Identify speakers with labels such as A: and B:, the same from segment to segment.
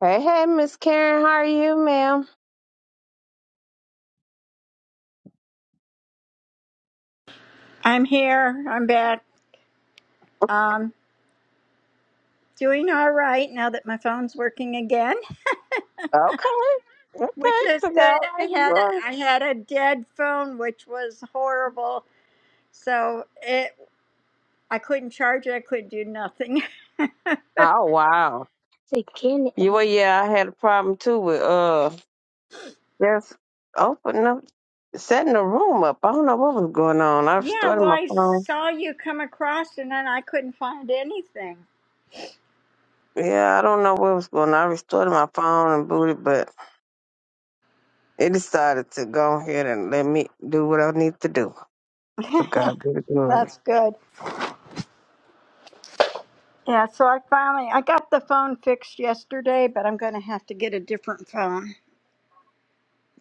A: Hey, hey, Miss Karen, how are you, ma'am?
B: I'm here. I'm back. Um, doing all right now that my phone's working again,
A: Okay,
B: which
A: okay,
B: is
A: to God
B: good.
A: be
B: I
A: the
B: had a,
A: glory.
B: I had a dead phone, which was horrible. So it I couldn't charge it. I couldn't do nothing.
A: Oh wow, you well, yeah, I had a problem too with uh just opening up, setting the room up. I don't know what was going on. I
B: Yeah,
A: restored
B: well,
A: my
B: I
A: phone.
B: saw you come across, and then I couldn't find anything.
A: Yeah, I don't know what was going on. I restored my phone and booted, but it decided to go ahead and let me do what I need to do. To God be the glory.
B: That's good. Yeah, so I finally I got the phone fixed yesterday, but I'm going to have to get a different phone.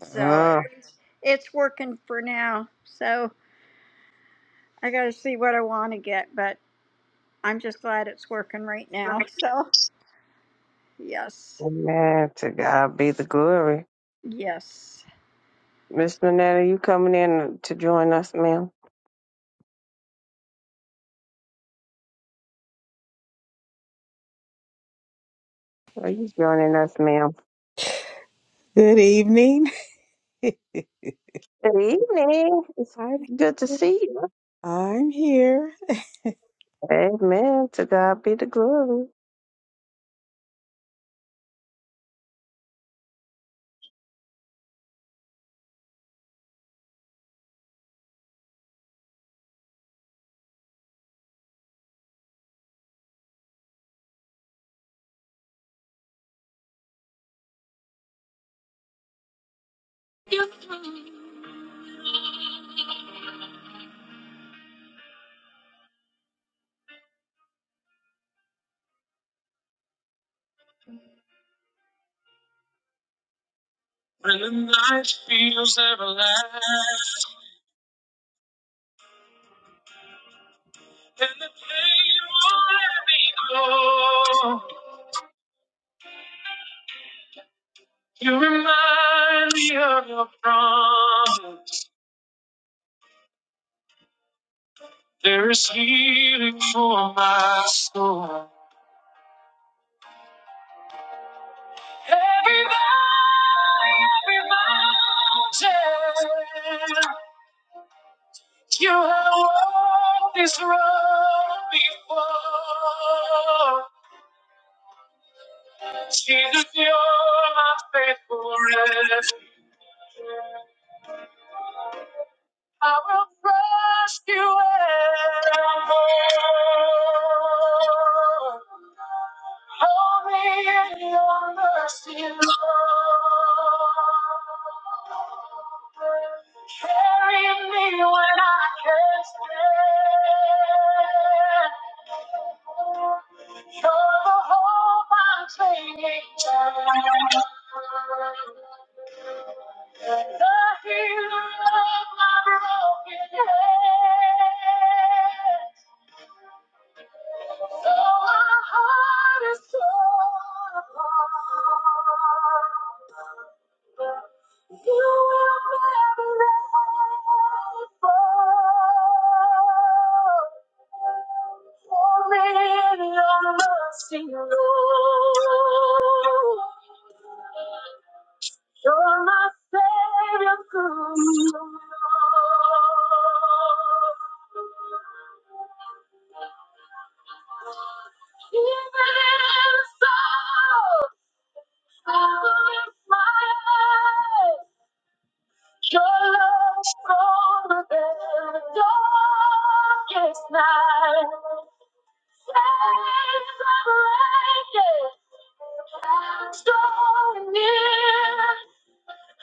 B: So at
A: Uh,
B: least it's working for now. So. I got to see what I want to get, but I'm just glad it's working right now. So, yes,
A: amen. To God be the glory.
B: yes,
A: Miss Minetta, you coming in to join us, ma'am? Are you joining us, ma'am?
C: Good evening.
A: Good evening. It's
C: I'm,
A: good to see you.
C: I'm here.
A: Amen. To God be the glory. When the night feels everlasting and the pain will let me go, you remind me of your promise. There is healing for my soul. Every valley, every mountain, you have walked this road before. Jesus, you're my faithful refuge. I will trust you evermore. Hold me in your mercy, Lord. Carry me when I can't stand. You're the hope I'm clinging to. The healer of my broken head. Though my heart is torn apart. You will never let me fall. For in your mercy, Lord. You're my savior through the Lord. Even in sorrow, I will lift my eyes. Your love stronger than the darkest night, days of raging, so near,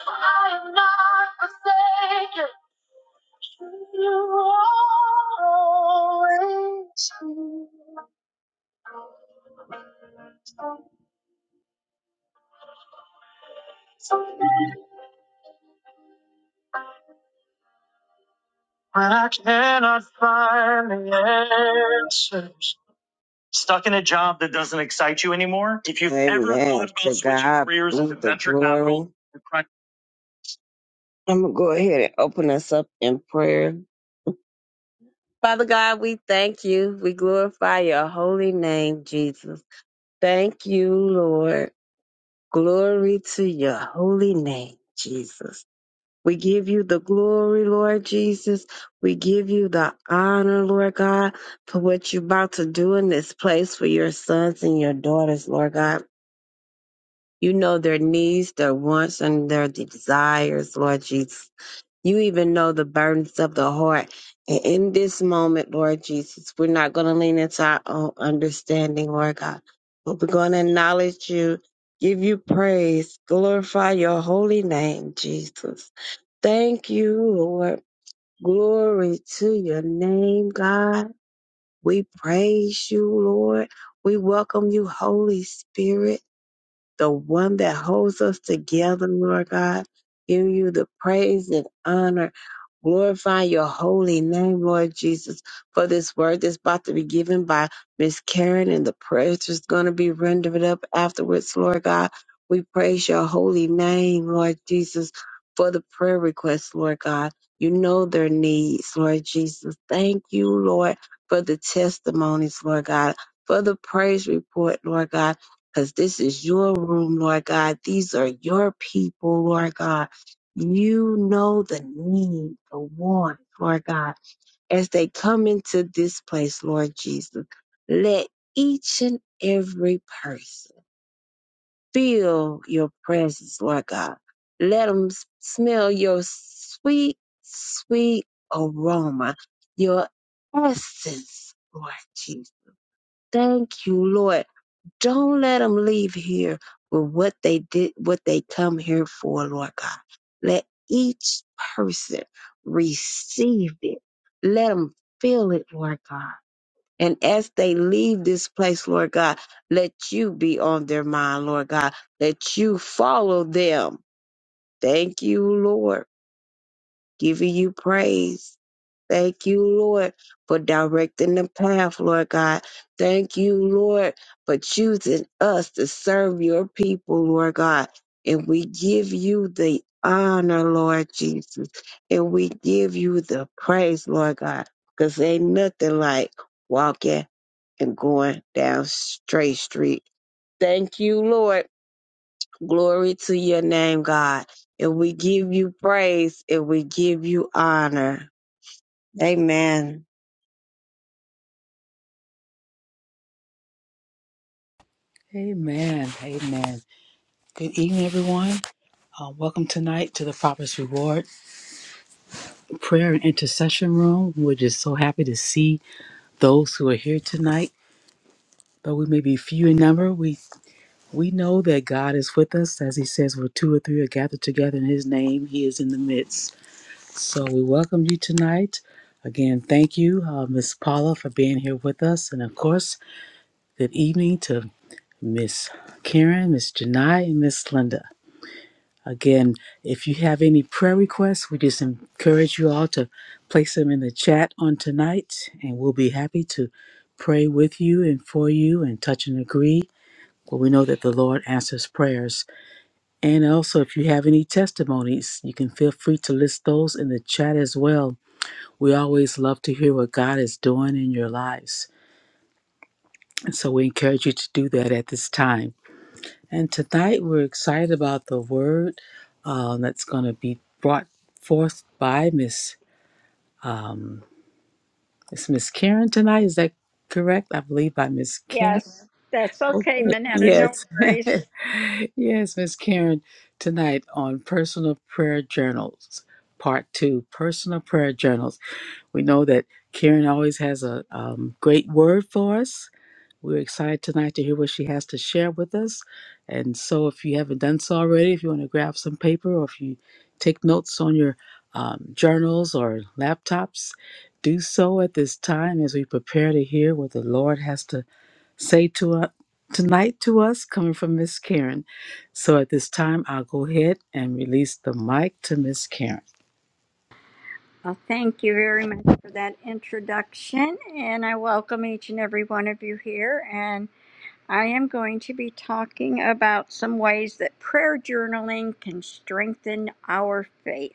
A: I am not forsaken. You always be. When I cannot find the answers. stuck in a job that doesn't excite you anymore. If you've Amen. ever thought about To switching God careers be to the venture glory. capital, or private I'm going to go ahead and open us up in prayer. Father God, we thank you. We glorify your holy name, Jesus. Thank you, Lord. Glory to your holy name, Jesus. We give you the glory, Lord Jesus. We give you the honor, Lord God, for what you're about to do in this place for your sons and your daughters, Lord God. You know their needs, their wants, and their desires, Lord Jesus. You even know the burdens of the heart. And in this moment, Lord Jesus, we're not going to lean into our own understanding, Lord God, but we're going to acknowledge you, give you praise, glorify your holy name, Jesus. Thank you, Lord. Glory to your name, God. We praise you, Lord. We welcome you, Holy Spirit the one that holds us together, Lord God. Give you the praise and honor. Glorify your holy name, Lord Jesus, for this word that's about to be given by Miss Karen and the prayers that's going to be rendered up afterwards, Lord God. We praise your holy name, Lord Jesus, for the prayer requests, Lord God. You know their needs, Lord Jesus. Thank you, Lord, for the testimonies, Lord God, for the praise report, Lord God because this is your room, Lord God. These are your people, Lord God. You know the need, the want, Lord God, as they come into this place, Lord Jesus. Let each and every person feel your presence, Lord God. Let them smell your sweet, sweet aroma, your essence, Lord Jesus. Thank you, Lord don't let them leave here with what they did, what they come here for, Lord God. Let each person receive it. Let them feel it, Lord God. And as they leave this place, Lord God, let you be on their mind, Lord God. Let you follow them. Thank you, Lord giving you praise. Thank you, Lord, for directing the path, Lord God. Thank you, Lord, for choosing us to serve your people, Lord God. And we give you the honor, Lord Jesus. And we give you the praise, Lord God, because ain't nothing like walking and going down straight street. Thank you, Lord. Glory to your name, God. And we give you praise and we give you honor. Amen.
C: Amen. Amen. Good evening, everyone. Uh, welcome tonight to the Father's Reward Prayer and Intercession Room. We're just so happy to see those who are here tonight. Though we may be few in number, we we know that God is with us. As He says, where two or three are gathered together in His name, He is in the midst. So we welcome you tonight. Again, thank you, uh, Miss Paula, for being here with us. And of course, good evening to Miss Karen, Miss Janai, and Miss Linda. Again, if you have any prayer requests, we just encourage you all to place them in the chat on tonight, and we'll be happy to pray with you and for you and touch and agree. But we know that the Lord answers prayers. And also, if you have any testimonies, you can feel free to list those in the chat as well. We always love to hear what God is doing in your lives. And so we encourage you to do that at this time. And tonight we're excited about the word uh, that's going to be brought forth by Miss um, it's Miss Karen tonight. Is that correct? I believe by Miss Karen.
B: yes. That's okay,
C: Okay.
B: Minetta. No
C: Yes.
B: worries.
C: yes, Miss Karen tonight on personal prayer journals, part two. Personal prayer journals. We know that Karen always has a um, great word for us we're excited tonight to hear what she has to share with us. And so, if you haven't done so already, if you want to grab some paper or if you take notes on your um, journals or laptops, do so at this time as we prepare to hear what the Lord has to say to us. Tonight, to us, coming from Miss Karen. So at this time, I'll go ahead and release the mic to Miss Karen.
B: Well, thank you very much for that introduction, and I welcome each and every one of you here. And I am going to be talking about some ways that prayer journaling can strengthen our faith.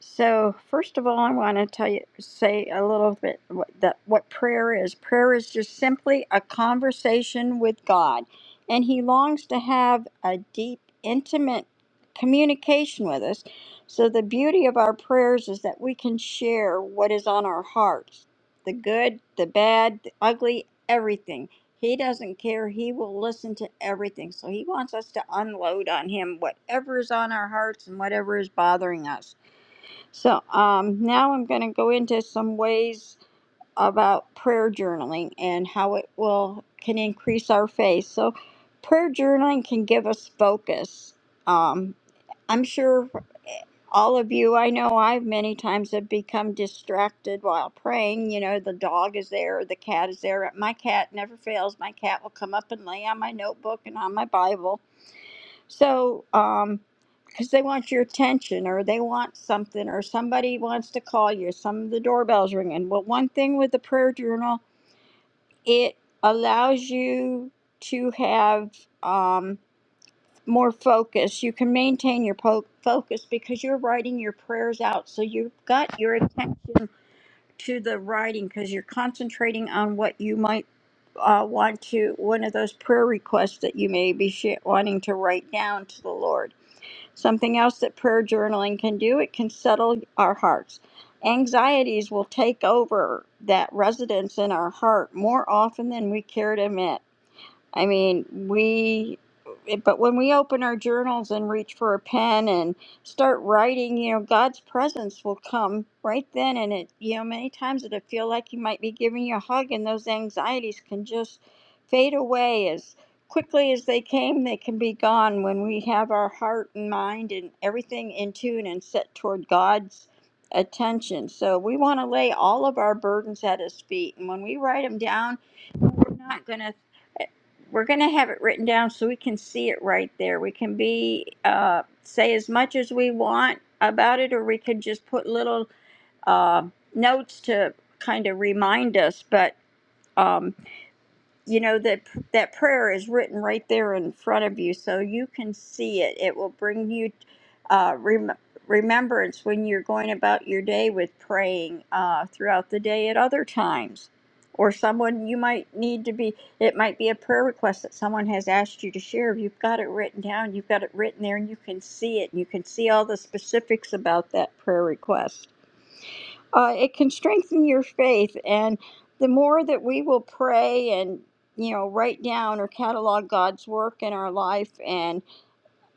B: So first of all, I want to tell you, say a little bit what that what prayer is. Prayer is just simply a conversation with God, and He longs to have a deep, intimate communication with us. So the beauty of our prayers is that we can share what is on our hearts, the good, the bad, the ugly, everything. He doesn't care. He will listen to everything. So he wants us to unload on him whatever is on our hearts and whatever is bothering us. So um, now I'm going to go into some ways about prayer journaling and how it will can increase our faith. So prayer journaling can give us focus. Um, I'm sure eh, all of you I know I've many times have become distracted while praying. You know, the dog is there, the cat is there. My cat never fails. My cat will come up and lay on my notebook and on my Bible so, um, because they want your attention or they want something or somebody wants to call you, some of the doorbell's ringing. But one thing with the prayer journal, it allows you to have um, more focus. You can maintain your po- focus because you're writing your prayers out. So you've got your attention to the writing because you're concentrating on what you might uh, want to, one of those prayer requests that you may be sh- wanting to write down to the Lord. Something else that prayer journaling can do, it can settle our hearts. Anxieties will take over that residence in our heart more often than we care to admit. I mean, we, eh, but when we open our journals and reach for a pen and start writing, you know, God's presence will come right then. And it, you know, many times it'll feel like He might be giving you a hug, and those anxieties can just fade away as quickly as they came, they can be gone when we have our heart and mind and everything in tune and set toward God's attention. So we want to lay all of our burdens at His feet. And when we write them down, we're not going to we're going to have it written down so we can see it right there. We can be uh, say as much as we want about it, or we could just put little uh, notes to kind of remind us. But um, you know that that prayer is written right there in front of you so you can see it it will bring you uh, rem- remembrance when you're going about your day with praying uh, throughout the day at other times or someone you might need to be it might be a prayer request that someone has asked you to share you've got it written down you've got it written there and you can see it you can see all the specifics about that prayer request uh, it can strengthen your faith. And the more that we will pray and, you know, write down or catalog God's work in our life and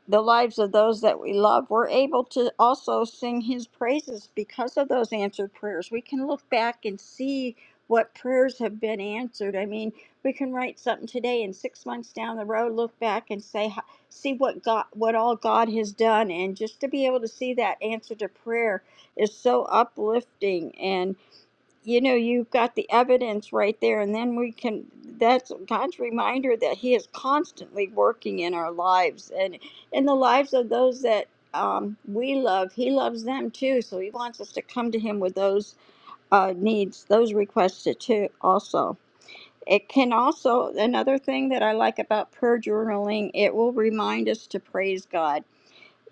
B: the lives of those that we love, we're able to also sing his praises because of those answered prayers. We can look back and see what prayers have been answered. I mean, we can write something today and 6 months down the road look back and say ho- see what God what all God has done and just to be able to see that answer to prayer is so uplifting and you know you've got the evidence right there and then we can that's god's reminder that he is constantly working in our lives and in the lives of those that um, we love he loves them too so he wants us to come to him with those uh, needs those requests too also it can also another thing that i like about prayer journaling it will remind us to praise god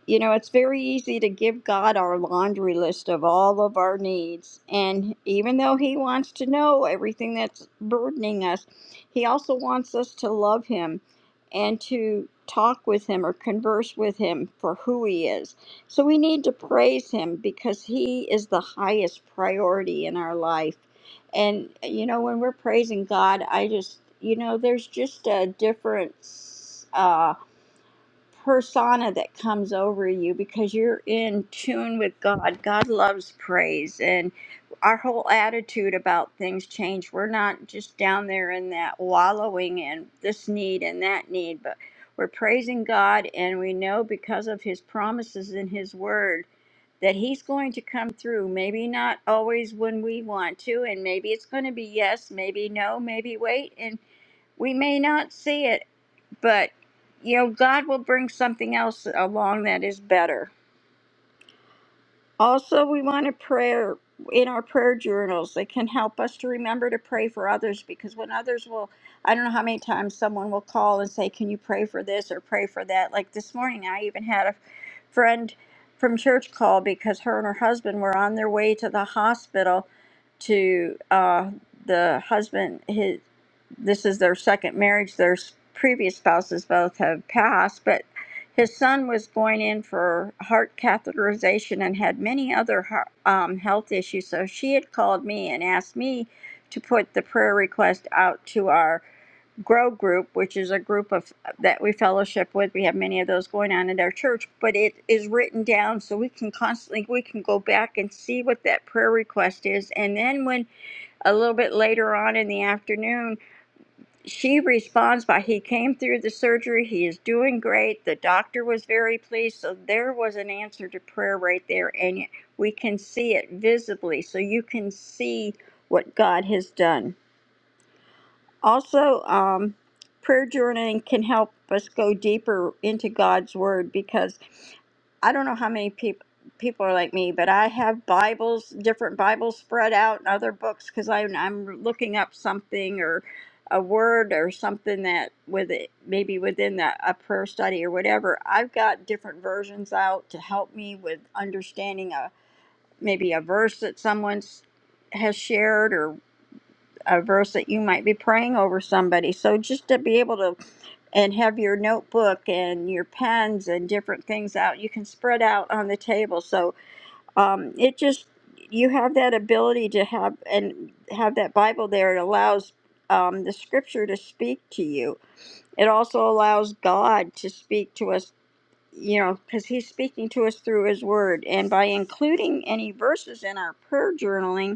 B: you know, it's very easy to give God our laundry list of all of our needs. And even though He wants to know everything that's burdening us, He also wants us to love Him and to talk with Him or converse with Him for who He is. So we need to praise Him because He is the highest priority in our life. And, you know, when we're praising God, I just, you know, there's just a difference. uh, persona that comes over you because you're in tune with God. God loves praise and our whole attitude about things change. We're not just down there in that wallowing in this need and that need, but we're praising God and we know because of his promises in his word that he's going to come through. Maybe not always when we want to and maybe it's going to be yes, maybe no, maybe wait and we may not see it but you know, God will bring something else along that is better. Also, we want a prayer in our prayer journals that can help us to remember to pray for others because when others will, I don't know how many times someone will call and say, Can you pray for this or pray for that? Like this morning, I even had a friend from church call because her and her husband were on their way to the hospital to uh, the husband, his, this is their second marriage. Their s- previous spouses both have passed, but his son was going in for heart catheterization and had many other heart, um, health issues. So she had called me and asked me to put the prayer request out to our grow group, which is a group of that we fellowship with. We have many of those going on in our church, but it is written down so we can constantly we can go back and see what that prayer request is. And then when a little bit later on in the afternoon she responds by he came through the surgery he is doing great the doctor was very pleased so there was an answer to prayer right there and we can see it visibly so you can see what god has done also, um, prayer journaling can help us go deeper into God's Word because I don't know how many people people are like me, but I have Bibles, different Bibles spread out and other books because I'm I'm looking up something or a word or something that with it maybe within the, a prayer study or whatever. I've got different versions out to help me with understanding a maybe a verse that someone's has shared a verse that you might be praying over somebody. So just to be able to and have your notebook and your pens and different things out, you can spread out on the table. So um, it just you have that ability to have and have that Bible there. It allows um, the Scripture to speak to you. It also allows God to speak to us. You know, because he's speaking to us through his word. And by including any verses in our prayer journaling,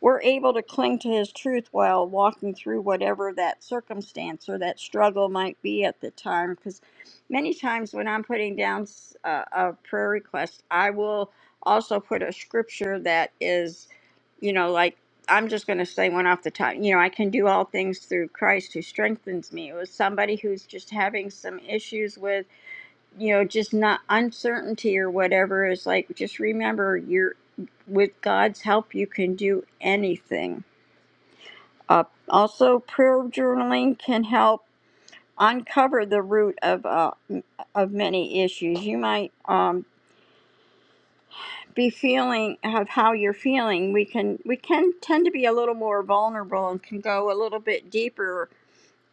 B: we're able to cling to His truth while walking through whatever that circumstance or that struggle might be at the time. Because many times when I'm putting down s- a, a prayer request, I will also put a scripture that is, you know, like I'm just going to say one off the top. You know, I can do all things through Christ who strengthens me. It was somebody who's just having some issues with you know, just not uncertainty or whatever is like, just remember you're with God's help, you can do anything. Uh, also, prayer journaling can help uncover the root of uh, m- of many issues. You might um, be feeling of how you're feeling. We can we can tend to be a little more vulnerable and can go a little bit deeper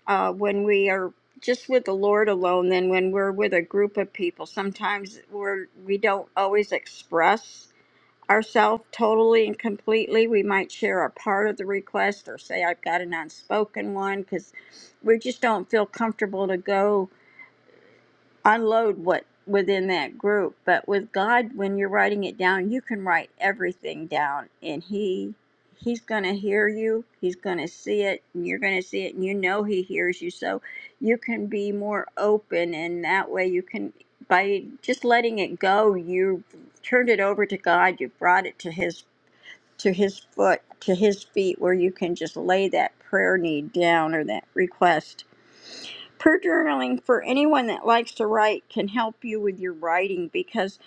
B: uh, when we are just with the Lord alone than when we're with a group of people. Sometimes we're we don't always express ourselves totally and completely. We might share a part of the request or say I've got an unspoken one because we just don't feel comfortable to go unload what within that group. But with God, when you're writing it down, you can write everything down, and He He's going to hear you. He's going to see it, and you're going to see it, and you know He hears you. So you can be more open, and that way you can by just letting it go, you turned it over to God. You brought it to His to His foot to His feet, where you can just lay that prayer need down or that request Prayer journaling for anyone that likes to write can help you with your writing because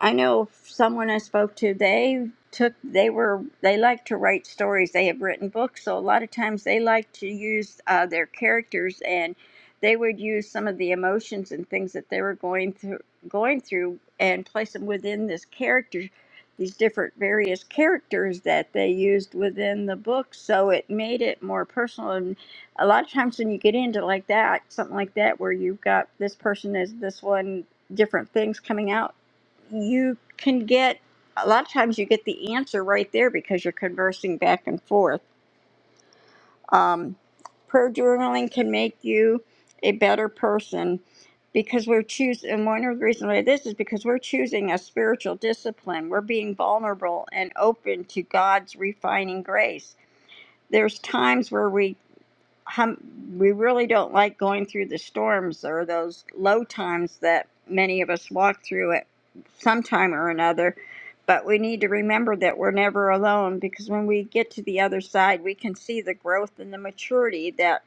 B: I know someone I spoke to, they took, they were, they like to write stories. They have written books, so a lot of times they like to use uh, their characters and they would use some of the emotions and things that they were going through, going through and place them within this character, these different various characters that they used within the book. So it made it more personal and a lot of times when you get into like that, something like that, where you've got this person is this one, different things coming out, you can get a lot of times you get the answer right there because you're conversing back and forth. Um, prayer journaling can make you a better person because we're choosing, and one of the reasons why this is because we're choosing a spiritual discipline. We're being vulnerable and open to God's refining grace. There's times where we hum, we really don't like going through the storms or those low times that many of us walk through at some time or another. But we need to remember that we're never alone because when we get to the other side, we can see the growth and the maturity that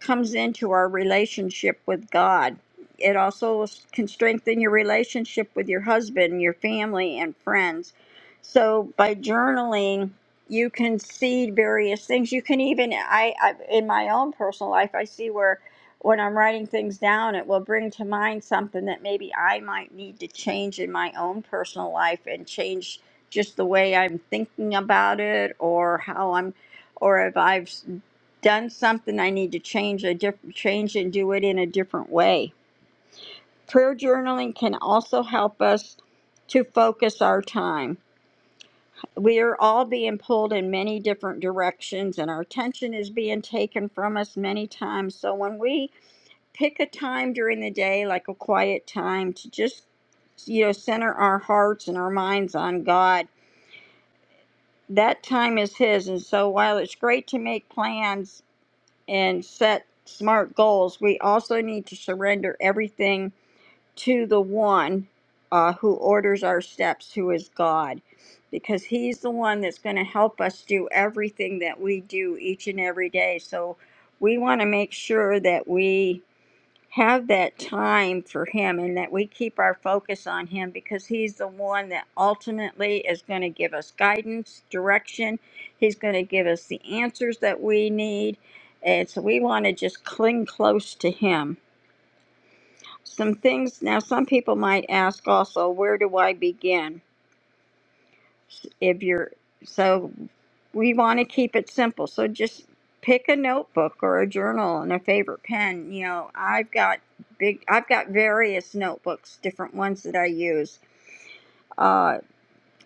B: comes into our relationship with God. It also can strengthen your relationship with your husband, your family, and friends. So by journaling, you can see various things. You can even, I, I in my own personal life, I see where when I'm writing things down, it will bring to mind something that maybe I might need to change in my own personal life and change just the way I'm thinking about it or how I'm or if I've done something I need to change a different change and do it in a different way. Prayer journaling can also help us to focus our time. We are all being pulled in many different directions and our attention is being taken from us many times. So when we pick a time during the day like a quiet time to just you know center our hearts and our minds on God, that time is his and so while it's great to make plans and set smart goals, we also need to surrender everything to the one uh, who orders our steps, who is God, because He's the one that's going to help us do everything that we do each and every day. So we want to make sure that we have that time for him and that we keep our focus on him because he's the one that ultimately is going to give us guidance, direction. He's going to give us the answers that we need. And so we want to just cling close to him. Some things now, some people might ask also, where do I begin? if you're so we want to keep it simple so just pick a notebook or a journal and a favorite pen you know i've got big i've got various notebooks different ones that i use uh,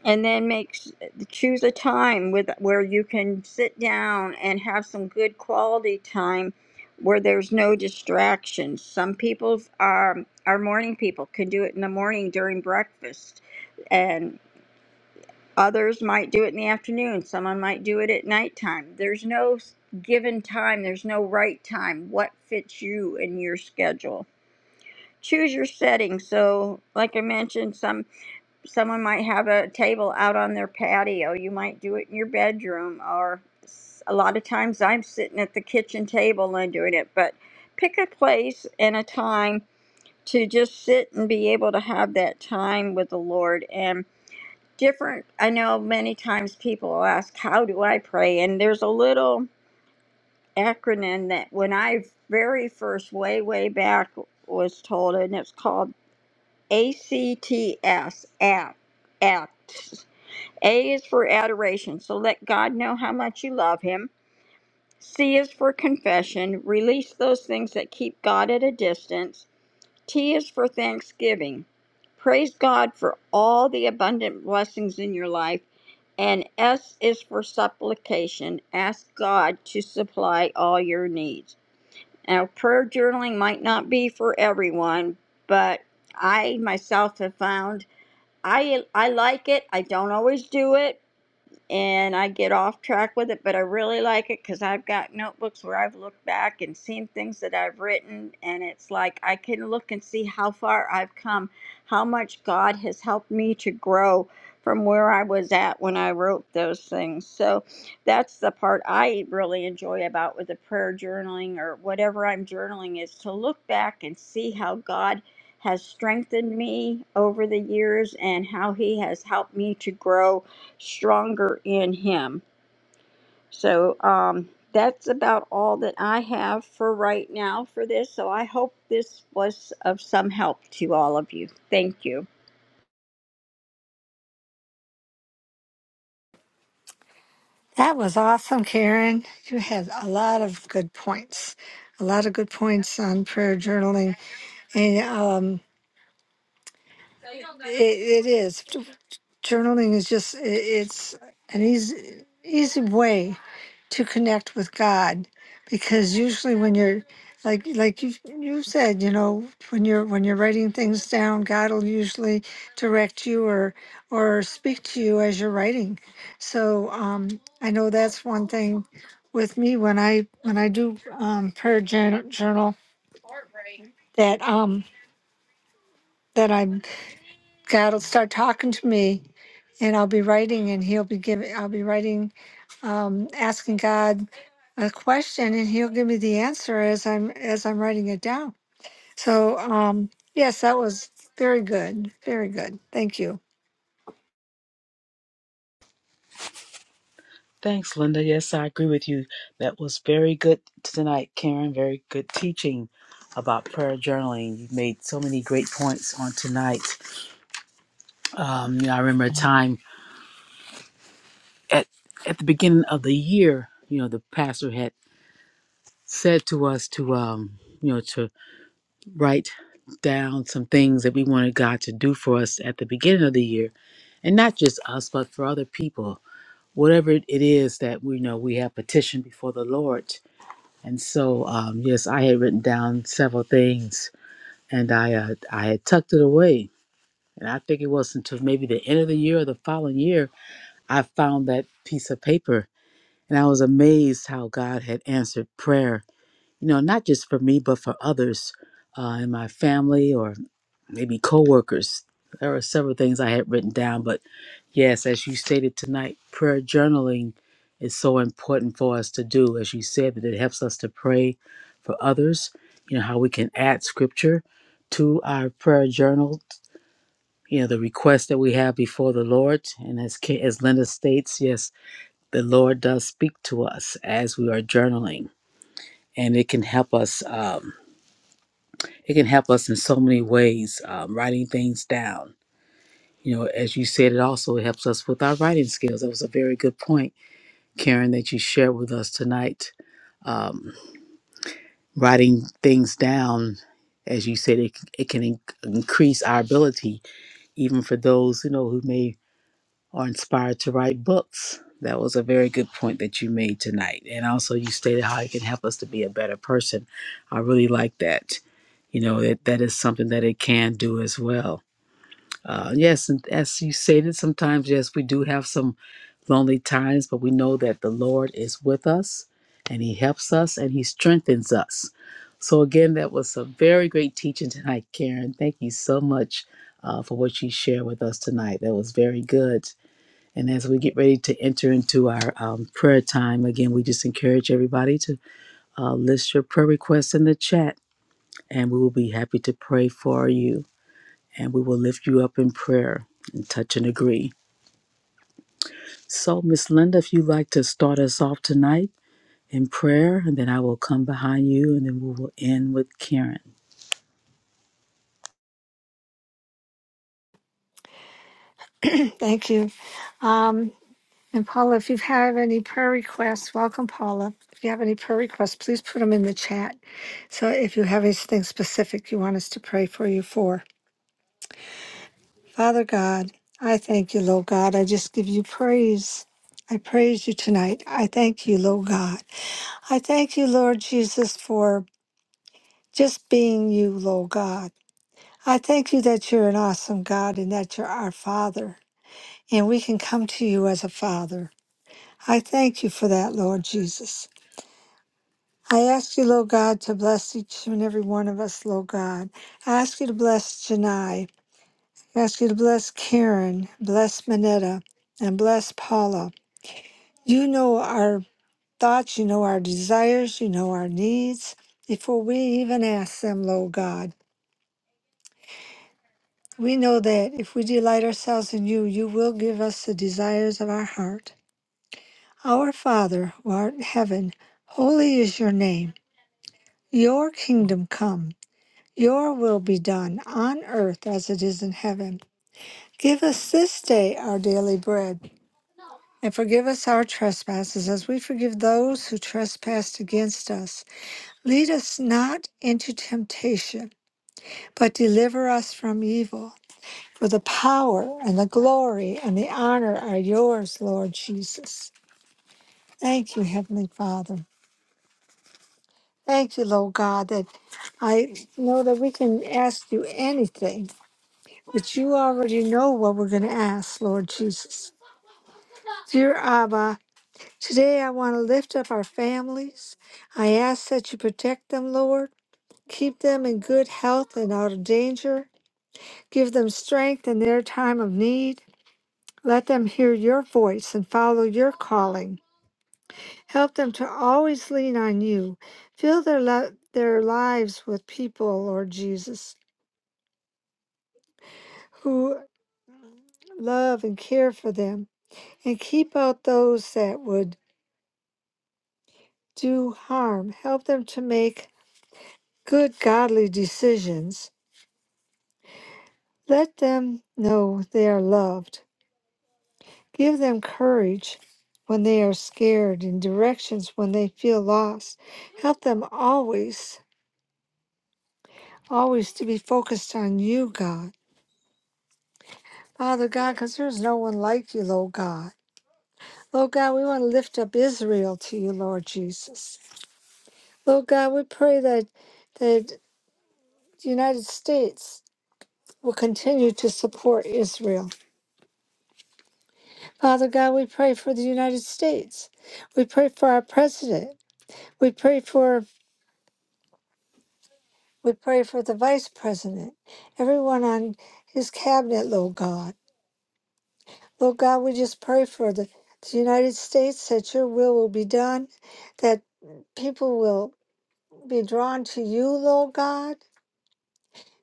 B: and then make s- choose a time with where you can sit down and have some good quality time where there's no distractions some people are are morning people can do it in the morning during breakfast Others might do it in the afternoon. Someone might do it at nighttime. There's no s- given time, there's no right time. What fits you and your schedule? Choose your setting. So, like I mentioned, some someone might have a table out on their patio. You might do it in your bedroom or s- a lot of times I'm sitting at the kitchen table and doing it, but pick a place and a time to just sit and be able to have that time with the Lord. And different i know many times people will ask how do i pray and there's a little acronym that when i very first way way back was told and it's called acts act act a is for adoration so let god know how much you love him c is for confession release those things that keep god at a distance T is for thanksgiving. Praise God for all the abundant blessings in your life. And S is for supplication. Ask God to supply all your needs. Now, prayer journaling might not be for everyone, but I myself have found I I like it. I don't always do it, and I get off track with it, but I really like it because I've got notebooks where I've looked back and seen things that I've written, and it's like I can look and see how far I've come, how much God has helped me to grow from where I was at when I wrote those things. So that's the part I really enjoy about with the prayer journaling or whatever I'm journaling is to look back and see how God has strengthened me over the years and how he has helped me to grow stronger in him. So um, that's about all that I have for right now for this. So I hope this was of some help to all of you. Thank you.
D: That was awesome, Karen. You had a lot of good points, a lot of good points on prayer journaling, and um, it, it is journaling is just i- it's an easy easy way to connect with God because usually when you're like like you you said, you know, when you're when you're writing things down, God will usually direct you or or speak to you as you're writing. So um I know that's one thing with me when I when I do um prayer journal, journal that um that I'm God will start talking to me and I'll be writing and he'll be giving, I'll be writing, um, asking God a question and he'll give me the answer as I'm, as I'm writing it down. So, um, yes, that was very good. Very good. Thank you.
C: Thanks, Linda. Yes, I agree with you. That was very good tonight, Karen. Very good teaching about prayer journaling. You made so many great points on tonight. Um, you know, I remember a time at at the beginning of the year. You know, the pastor had said to us to um, you know to write down some things that we wanted God to do for us at the beginning of the year, and not just us, but for other people. Whatever it is that we know we have petitioned before the Lord And so, um, yes, I had written down several things, and I uh, I had tucked it away. And I think it was until maybe the end of the year or the following year, I found that piece of paper, and I was amazed how God had answered prayer. You know, not just for me, but for others uh, in my family or maybe coworkers. There are several things I had written down, but yes, as you stated tonight, prayer journaling is so important for us to do. As you said, that it helps us to pray for others. You know how we can add scripture to our prayer journal. You know the requests that we have before the Lord, and as Ki- as Linda states, yes, the Lord does speak to us as we are journaling, and it can help us. Um, it can help us in so many ways. Um, writing things down You know, as you said, it also helps us with our writing skills. That was a very good point, Karen, that you shared with us tonight. Um, writing things down, as you said, it, it can in- increase our ability, even for those you know who may are inspired to write books. That was a very good point that you made tonight, and also you stated how it can help us to be a better person. I really like that. You know that that is something that it can do as well. Uh, yes, and as you stated, sometimes yes, we do have some lonely times, but we know that the Lord is with us and He helps us and He strengthens us. So, again, that was a very great teaching tonight, Karen. Thank you so much uh, for what you shared with us tonight. That was very good. And as we get ready to enter into our um, prayer time, again, we just encourage everybody to uh, list your prayer requests in the chat, and we will be happy to pray for you. And we will lift you up in prayer and touch and agree. So, Miss Linda, if you'd like to start us off tonight. in prayer, and then I will come behind you, and then we will end with Karen.
D: Thank you. Um, and Paula, if you have any prayer requests, welcome Paula. If you have any prayer requests, please put them in the chat. So if you have anything specific you want us to pray for you for. Father God, I thank you, Lord God. I just give you praise. I praise you tonight. I thank you, Lord God. I thank you, Lord Jesus, for just being you, Lord God. I thank you that you're an awesome God and that you're our Father, and we can come to you as a Father. I thank you for that, Lord Jesus. I ask you, Lord God, to bless each and every one of us, Lord God. I ask you to bless Janai. I ask you to bless Karen, bless Manetta, and bless Paula. You know our thoughts, you know our desires, you know our needs before we even ask them, Lord God. We know that if we delight ourselves in you, you will give us the desires of our heart. Our Father, who art in heaven, holy is your name. Your kingdom come, your will be done on earth as it is in heaven. Give us this day our daily bread, and forgive us our trespasses as we forgive those who trespass against us Lead us not into temptation, but deliver us from evil. For the power and the glory and the honor are yours, Lord Jesus. Thank you, Heavenly Father. Thank you, Lord God, that I know that we can ask you anything, but you already know what we're going to ask, Lord Jesus. Dear Abba, today I want to lift up our families. I ask that you protect them, Lord. Keep them in good health and out of danger. Give them strength in their time of need. Let them hear your voice and follow your calling. Help them to always lean on you. Fill their, lo- their lives with people, Lord Jesus, who love and care for them, and keep out those that would do harm. Help them to make good, godly decisions. Let them know they are loved Give them courage when they are scared and directions when they feel lost. Help them always, always to be focused on you, God. Father God, because there's no one like you, Lord God. Lord God, we want to lift up Israel to you, Lord Jesus. Lord God, we pray that that the United States will continue to support Israel. Father God, we pray for the United States. We pray for our president. We pray for We pray for the vice president, everyone on his cabinet, Lord God. Lord God, we just pray for the, the United States that your will will be done, that people will be drawn to you, Lord God.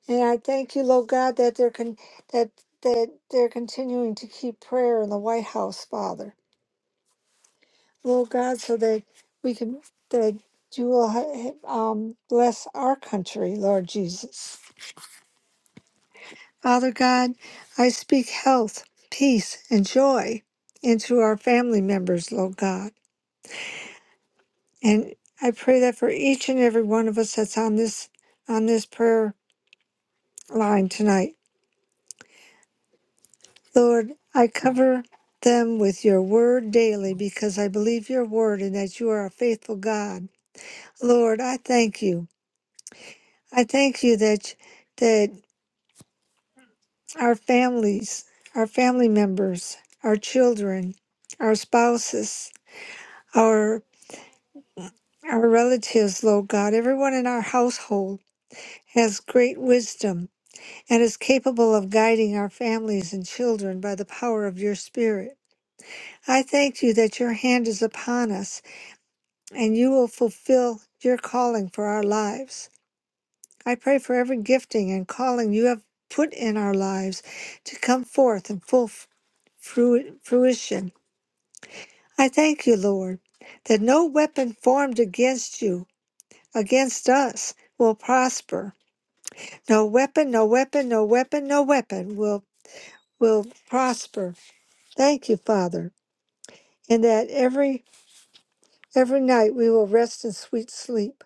D: And I thank you, Lord God, that they're con- that that they're continuing to keep prayer in the White House, Father, Lord God, so that we can that you will ha- ha- um, bless our country, Lord Jesus. Father God, I speak health, peace, and joy into our family members, Lord God. And I pray that for each and every one of us that's on this on this prayer line tonight. Lord, I cover them with your word daily because I believe your word and that you are a faithful God. Lord, I thank you. I thank you that that our families, our family members, our children, our spouses, our our relatives, Lord God, everyone in our household has great wisdom and is capable of guiding our families and children by the power of your Spirit. I thank you that your hand is upon us and you will fulfill your calling for our lives. I pray for every gifting and calling you have put in our lives to come forth in full f- frui- fruition. I thank you, Lord, that no weapon formed against you, against us, will prosper No weapon, no weapon, no weapon, no weapon will will prosper. Thank you, Father, and that every every night we will rest in sweet sleep.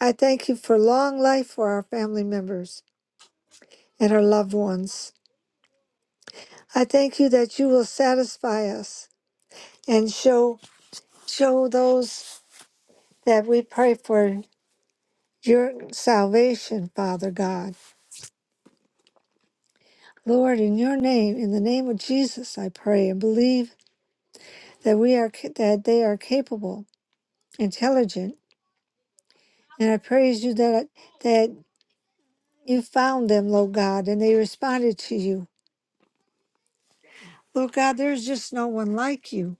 D: I thank you for long life for our family members and our loved ones. I thank you that you will satisfy us and show show those that we pray for your salvation, Father God. Lord, in your name, in the name of Jesus, I pray and believe that we are ca- that they are capable intelligent. And I praise you that that you found them, Lord God, and they responded to you. Lord God, there's just no one like you.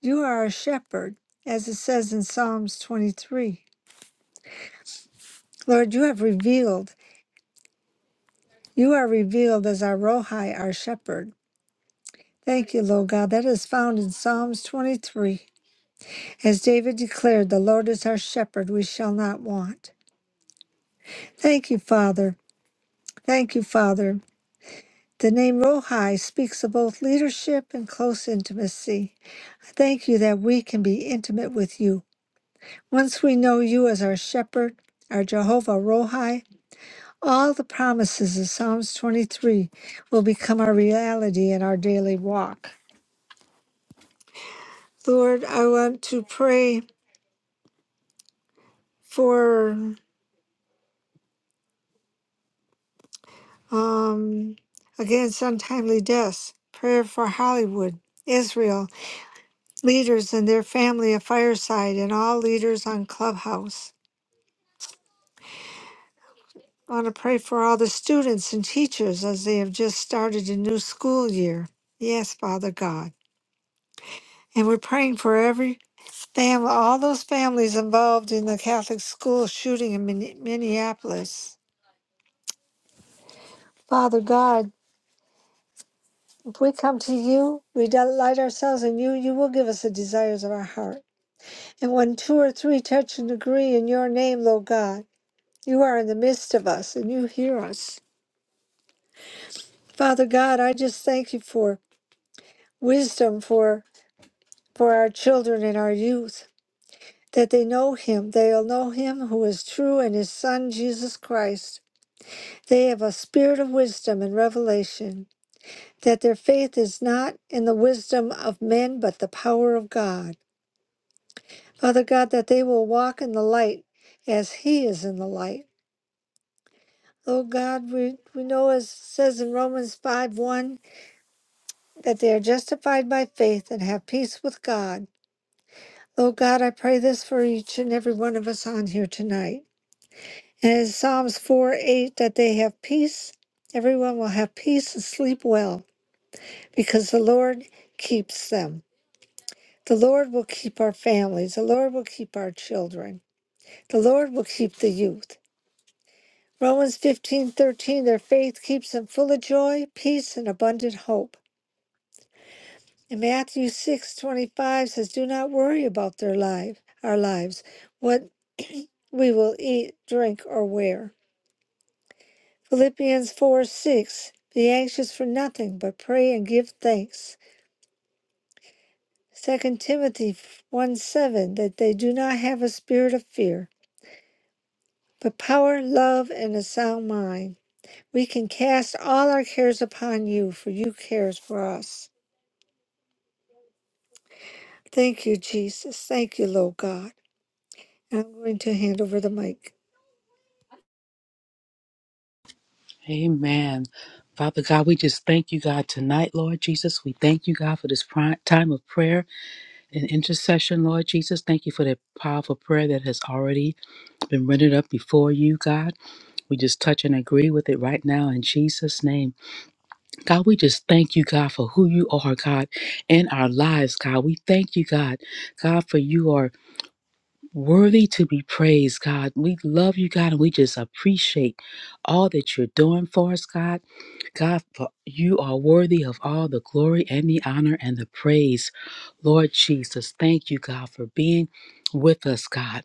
D: You are a shepherd, as it says in Psalms 23. Lord, you have revealed, you are revealed as our Rohi, our shepherd. Thank you, Lord God. That is found in Psalms 23. As David declared, the Lord is our shepherd, we shall not want. Thank you, Father. Thank you, Father. The name Rohi speaks of both leadership and close intimacy. I thank you that we can be intimate with you. Once we know you as our shepherd, our Jehovah Rohi, all the promises of Psalms 23 will become our reality in our daily walk. Lord, I want to pray for, um, against untimely deaths, prayer for Hollywood, Israel, leaders and their family of Fireside, and all leaders on Clubhouse. I want to pray for all the students and teachers as they have just started a new school year. Yes, Father God. And we're praying for every family, all those families involved in the Catholic school shooting in Min- Minneapolis. Father God, if we come to you, we delight ourselves in you, you will give us the desires of our heart. And when two or three touch and agree in your name, Lord God, you are in the midst of us and you hear us. Father God, I just thank you for wisdom, for for our children and our youth, that they know him. They'll know him who is true and his Son, Jesus Christ. They have a spirit of wisdom and revelation, that their faith is not in the wisdom of men, but the power of God. Father God, that they will walk in the light as he is in the light. Lord God, we, we know as it says in Romans 5 1 that they are justified by faith and have peace with God. Lord God, I pray this for each and every one of us on here tonight And in Psalms 4 8, that they have peace, everyone will have peace and sleep well, because the Lord keeps them. The Lord will keep our families. The Lord will keep our children. The Lord will keep the youth. Romans fifteen thirteen. their faith keeps them full of joy, peace, and abundant hope. And Matthew six twenty five says, Do not worry about their life, our lives, what we will eat, drink, or wear Philippians 4 6, be anxious for nothing, but pray and give thanks. Second Timothy 1 7, that they do not have a spirit of fear, but power, love, and a sound mind. We can cast all our cares upon you, for you cares for us. Thank you, Jesus. Thank you, Lord God. And I'm going to hand over the mic.
C: Amen. Father God, we just thank you, God, tonight, Lord Jesus. We thank you, God, for this pri- time of prayer and intercession, Lord Jesus. Thank you for that powerful prayer that has already been rendered up before you, God. We just touch and agree with it right now in Jesus' name. God, we just thank you, God, for who you are, God, in our lives, God. We thank you, God, God, for you are. Worthy to be praised, God. We love you, God, and we just appreciate all that you're doing for us, God. God, for you are worthy of all the glory and the honor and the praise. Lord Jesus, thank you, God, for being with us, God.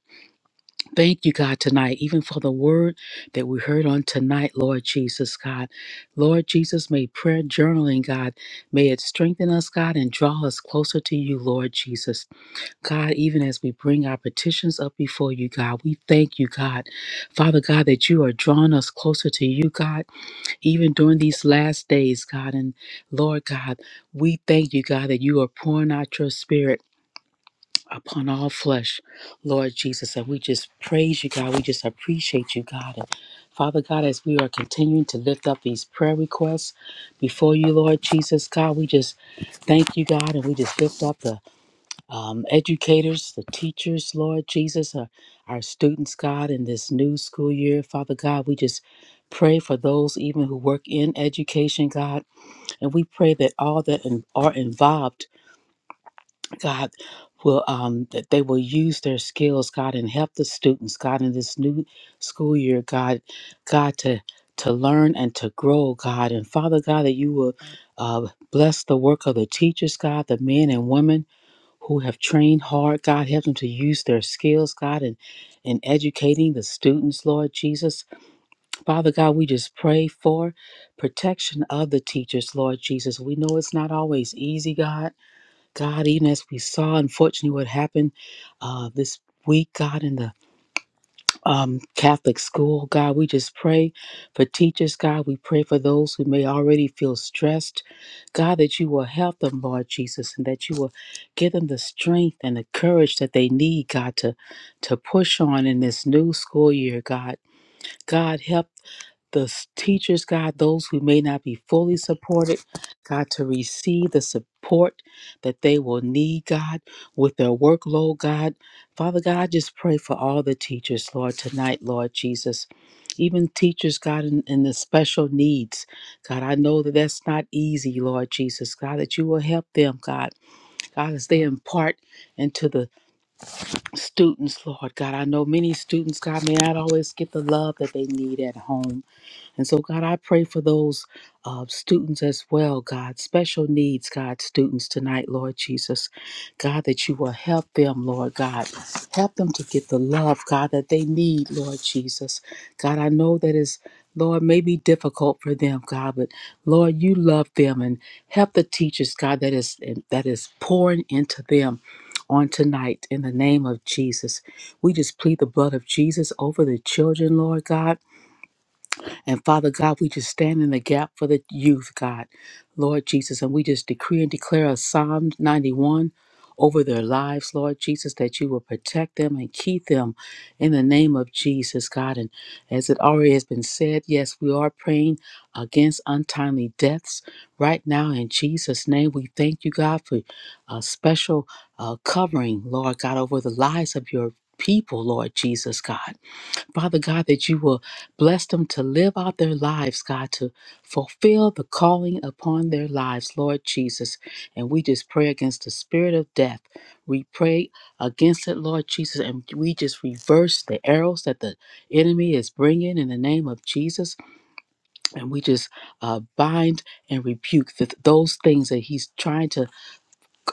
C: Thank you, God, tonight, even for the word that we heard on tonight, Lord Jesus, God. Lord Jesus, may prayer journaling, God, may it strengthen us, God, and draw us closer to you, Lord Jesus. God, even as we bring our petitions up before you, God, we thank you, God. Father God, that you are drawing us closer to you, God, even during these last days, God. And Lord God, we thank you, God, that you are pouring out your spirit upon all flesh, Lord Jesus. And we just praise you, God. We just appreciate you, God. And Father God, as we are continuing to lift up these prayer requests before you, Lord Jesus, God, we just thank you, God, and we just lift up the um, educators, the teachers, Lord Jesus, our, our students, God, in this new school year. Father God, we just pray for those even who work in education, God, and we pray that all that in, are involved, God, will um, that they will use their skills, God, and help the students, God, in this new school year, God, God to to learn and to grow, God, and Father God, that you will uh, bless the work of the teachers, God, the men and women who have trained hard. God, help them to use their skills, God, in, in educating the students, Lord Jesus. Father God, we just pray for protection of the teachers, Lord Jesus. We know it's not always easy, God. God, even as we saw, unfortunately, what happened uh, this week, God, in the um, Catholic school. God, we just pray for teachers. God, we pray for those who may already feel stressed. God, that you will help them, Lord Jesus, and that you will give them the strength and the courage that they need, God, to, to push on in this new school year, God. God, help the s- teachers, God, those who may not be fully supported, God, to receive the support that they will need, God, with their workload, God. Father God, I just pray for all the teachers, Lord, tonight, Lord Jesus. Even teachers, God, in, in the special needs. God, I know that that's not easy, Lord Jesus. God, that you will help them, God. God, as they impart into the students, Lord. God, I know many students, God, may not always get the love that they need at home. And so, God, I pray for those uh, students as well, God, special needs, God, students tonight, Lord Jesus. God, that you will help them, Lord God. Help them to get the love, God, that they need, Lord Jesus. God, I know that is. Lord, may be difficult for them, God, but Lord, you love them and help the teachers, God, that is that is pouring into them on tonight in the name of Jesus. We just plead the blood of Jesus over the children, Lord God. And Father God, we just stand in the gap for the youth, God, Lord Jesus. And we just decree and declare a Psalm 91 over their lives, Lord Jesus, that you will protect them and keep them in the name of Jesus, God. And as it already has been said, yes, we are praying against untimely deaths right now in Jesus' name. We thank you, God, for a special uh, covering, Lord God, over the lives of your people, Lord Jesus, God. Father God, that you will bless them to live out their lives, God, to fulfill the calling upon their lives, Lord Jesus. And we just pray against the spirit of death. We pray against it, Lord Jesus, and we just reverse the arrows that the enemy is bringing in the name of Jesus. And we just uh, bind and rebuke th- those things that he's trying to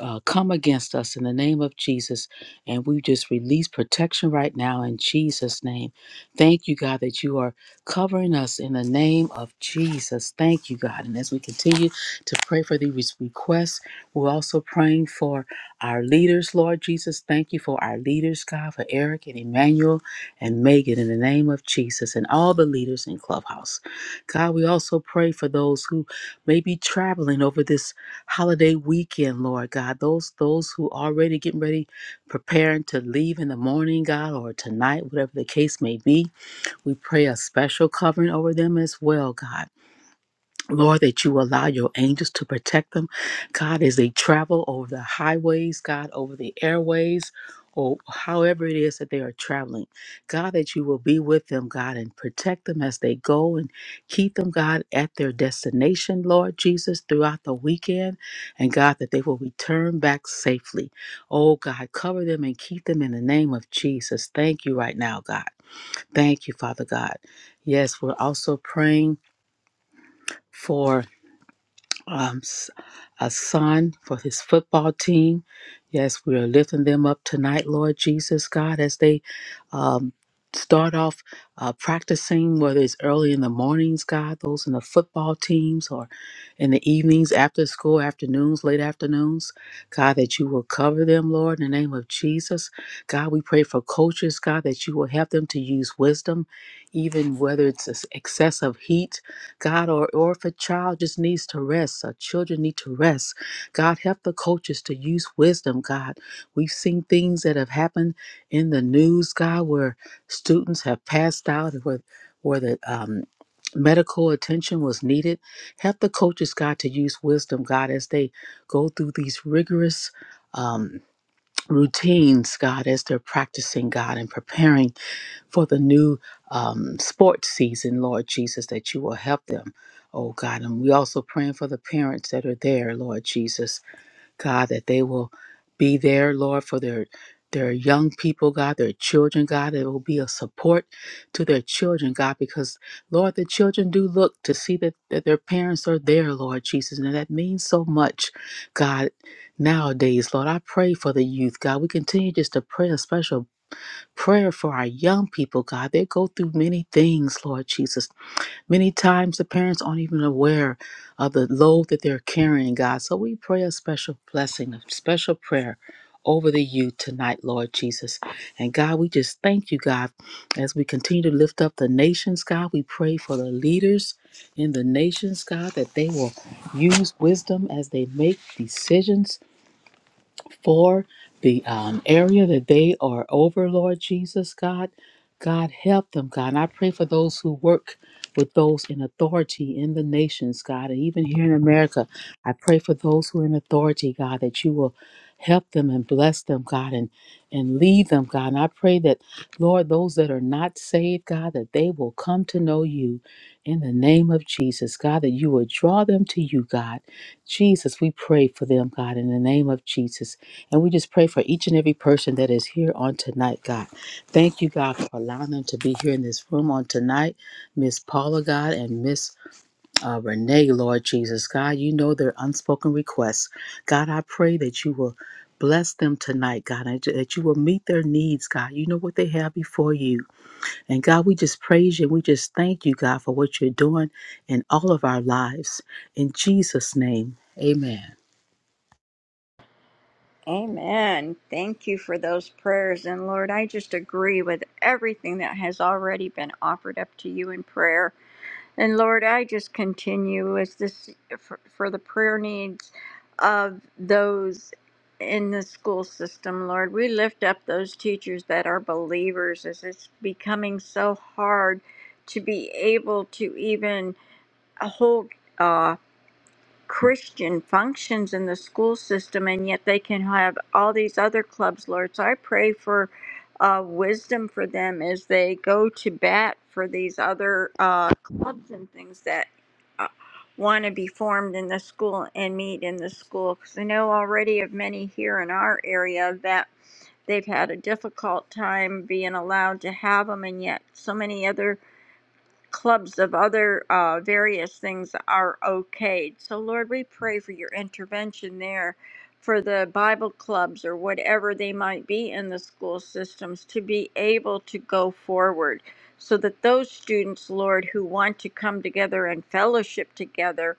C: uh, come against us in the name of Jesus. And we just release protection right now in Jesus' name. Thank you, God, that you are covering us in the name of Jesus. Thank you, God. And as we continue to pray for these requests, we're also praying for our leaders, Lord Jesus. Thank you for our leaders, God, for Eric and Emmanuel and Megan in the name of Jesus and all the leaders in Clubhouse. God, we also pray for those who may be traveling over this holiday weekend, Lord God. Those those who already getting ready, preparing to leave in the morning, God, or tonight, whatever the case may be. We pray a special covering over them as well, God. Lord, that you allow your angels to protect them, God, as they travel over the highways, God, over the airways, or however it is that they are traveling. God, that you will be with them, God, and protect them as they go and keep them, God, at their destination, Lord Jesus, throughout the weekend. And God, that they will return back safely. Oh, God, cover them and keep them in the name of Jesus. Thank you right now, God. Thank you, Father God. Yes, we're also praying for um, s- a son for his football team. Yes, we are lifting them up tonight, Lord Jesus, God, as they um, start off uh, practicing, whether it's early in the mornings, God, those in the football teams, or in the evenings, after school, afternoons, late afternoons. God, that you will cover them, Lord, in the name of Jesus. God, we pray for coaches, God, that you will help them to use wisdom, even whether it's this excessive heat. God, or, or if a child just needs to rest, our children need to rest. God, help the coaches to use wisdom, God. We've seen things that have happened in the news, God, where students have passed out, and where, where the um, medical attention was needed. Help the coaches, God, to use wisdom, God, as they go through these rigorous um, routines, God, as they're practicing, God, and preparing for the new um, sports season, Lord Jesus, that you will help them, oh God. And we also praying for the parents that are there, Lord Jesus, God, that they will be there, Lord, for their their young people, God, their children, God, it will be a support to their children, God, because Lord, the children do look to see that, that their parents are there, Lord Jesus, and that means so much, God, nowadays, Lord. I pray for the youth, God. We continue just to pray a special prayer for our young people, God. They go through many things, Lord Jesus. Many times the parents aren't even aware of the load that they're carrying, God. So we pray a special blessing, a special prayer over the youth tonight, Lord Jesus. And God, we just thank you, God, as we continue to lift up the nations, God. We pray for the leaders in the nations, God, that they will use wisdom as they make decisions for the um, area that they are over, Lord Jesus, God. God, help them, God. And I pray for those who work with those in authority in the nations, God, and even here in America. I pray for those who are in authority, God, that you will help them and bless them, God, and, and lead them, God. And I pray that, Lord, those that are not saved, God, that they will come to know you in the name of Jesus, God, that you will draw them to you, God. Jesus, we pray for them, God, in the name of Jesus. And we just pray for each and every person that is here on tonight, God. Thank you, God, for allowing them to be here in this room on tonight. Miss Paula, God, and Miss uh, Renee, Lord Jesus, God, you know their unspoken requests. God, I pray that you will bless them tonight, God, and that you will meet their needs, God. You know what they have before you. And God, we just praise you. We just thank you, God, for what you're doing in all of our lives. In Jesus' name, amen.
B: Amen. Thank you for those prayers. And Lord, I just agree with everything that has already been offered up to you in prayer. And Lord, I just continue as this for, for the prayer needs of those in the school system, Lord. We lift up those teachers that are believers as it's becoming so hard to be able to even hold. uh, Christian functions in the school system, and yet they can have all these other clubs, Lord. So I pray for uh, wisdom for them as they go to bat for these other uh, clubs and things that uh, want to be formed in the school and meet in the school. Because I know already of many here in our area that they've had a difficult time being allowed to have them, and yet so many other clubs of other uh, various things are okayed. So, Lord, we pray for your intervention there for the Bible clubs or whatever they might be in the school systems to be able to go forward so that those students, Lord, who want to come together and fellowship together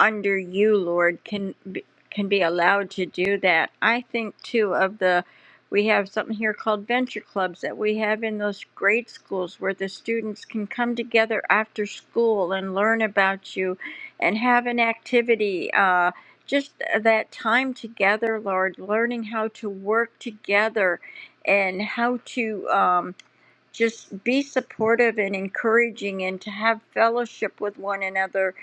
B: under you, Lord, can be, can be allowed to do that. I think too of the we have something here called venture clubs that we have in those grade schools where the students can come together after school and learn about you and have an activity uh, just that time together lord learning how to work together and how to um, just be supportive and encouraging and to have fellowship with one another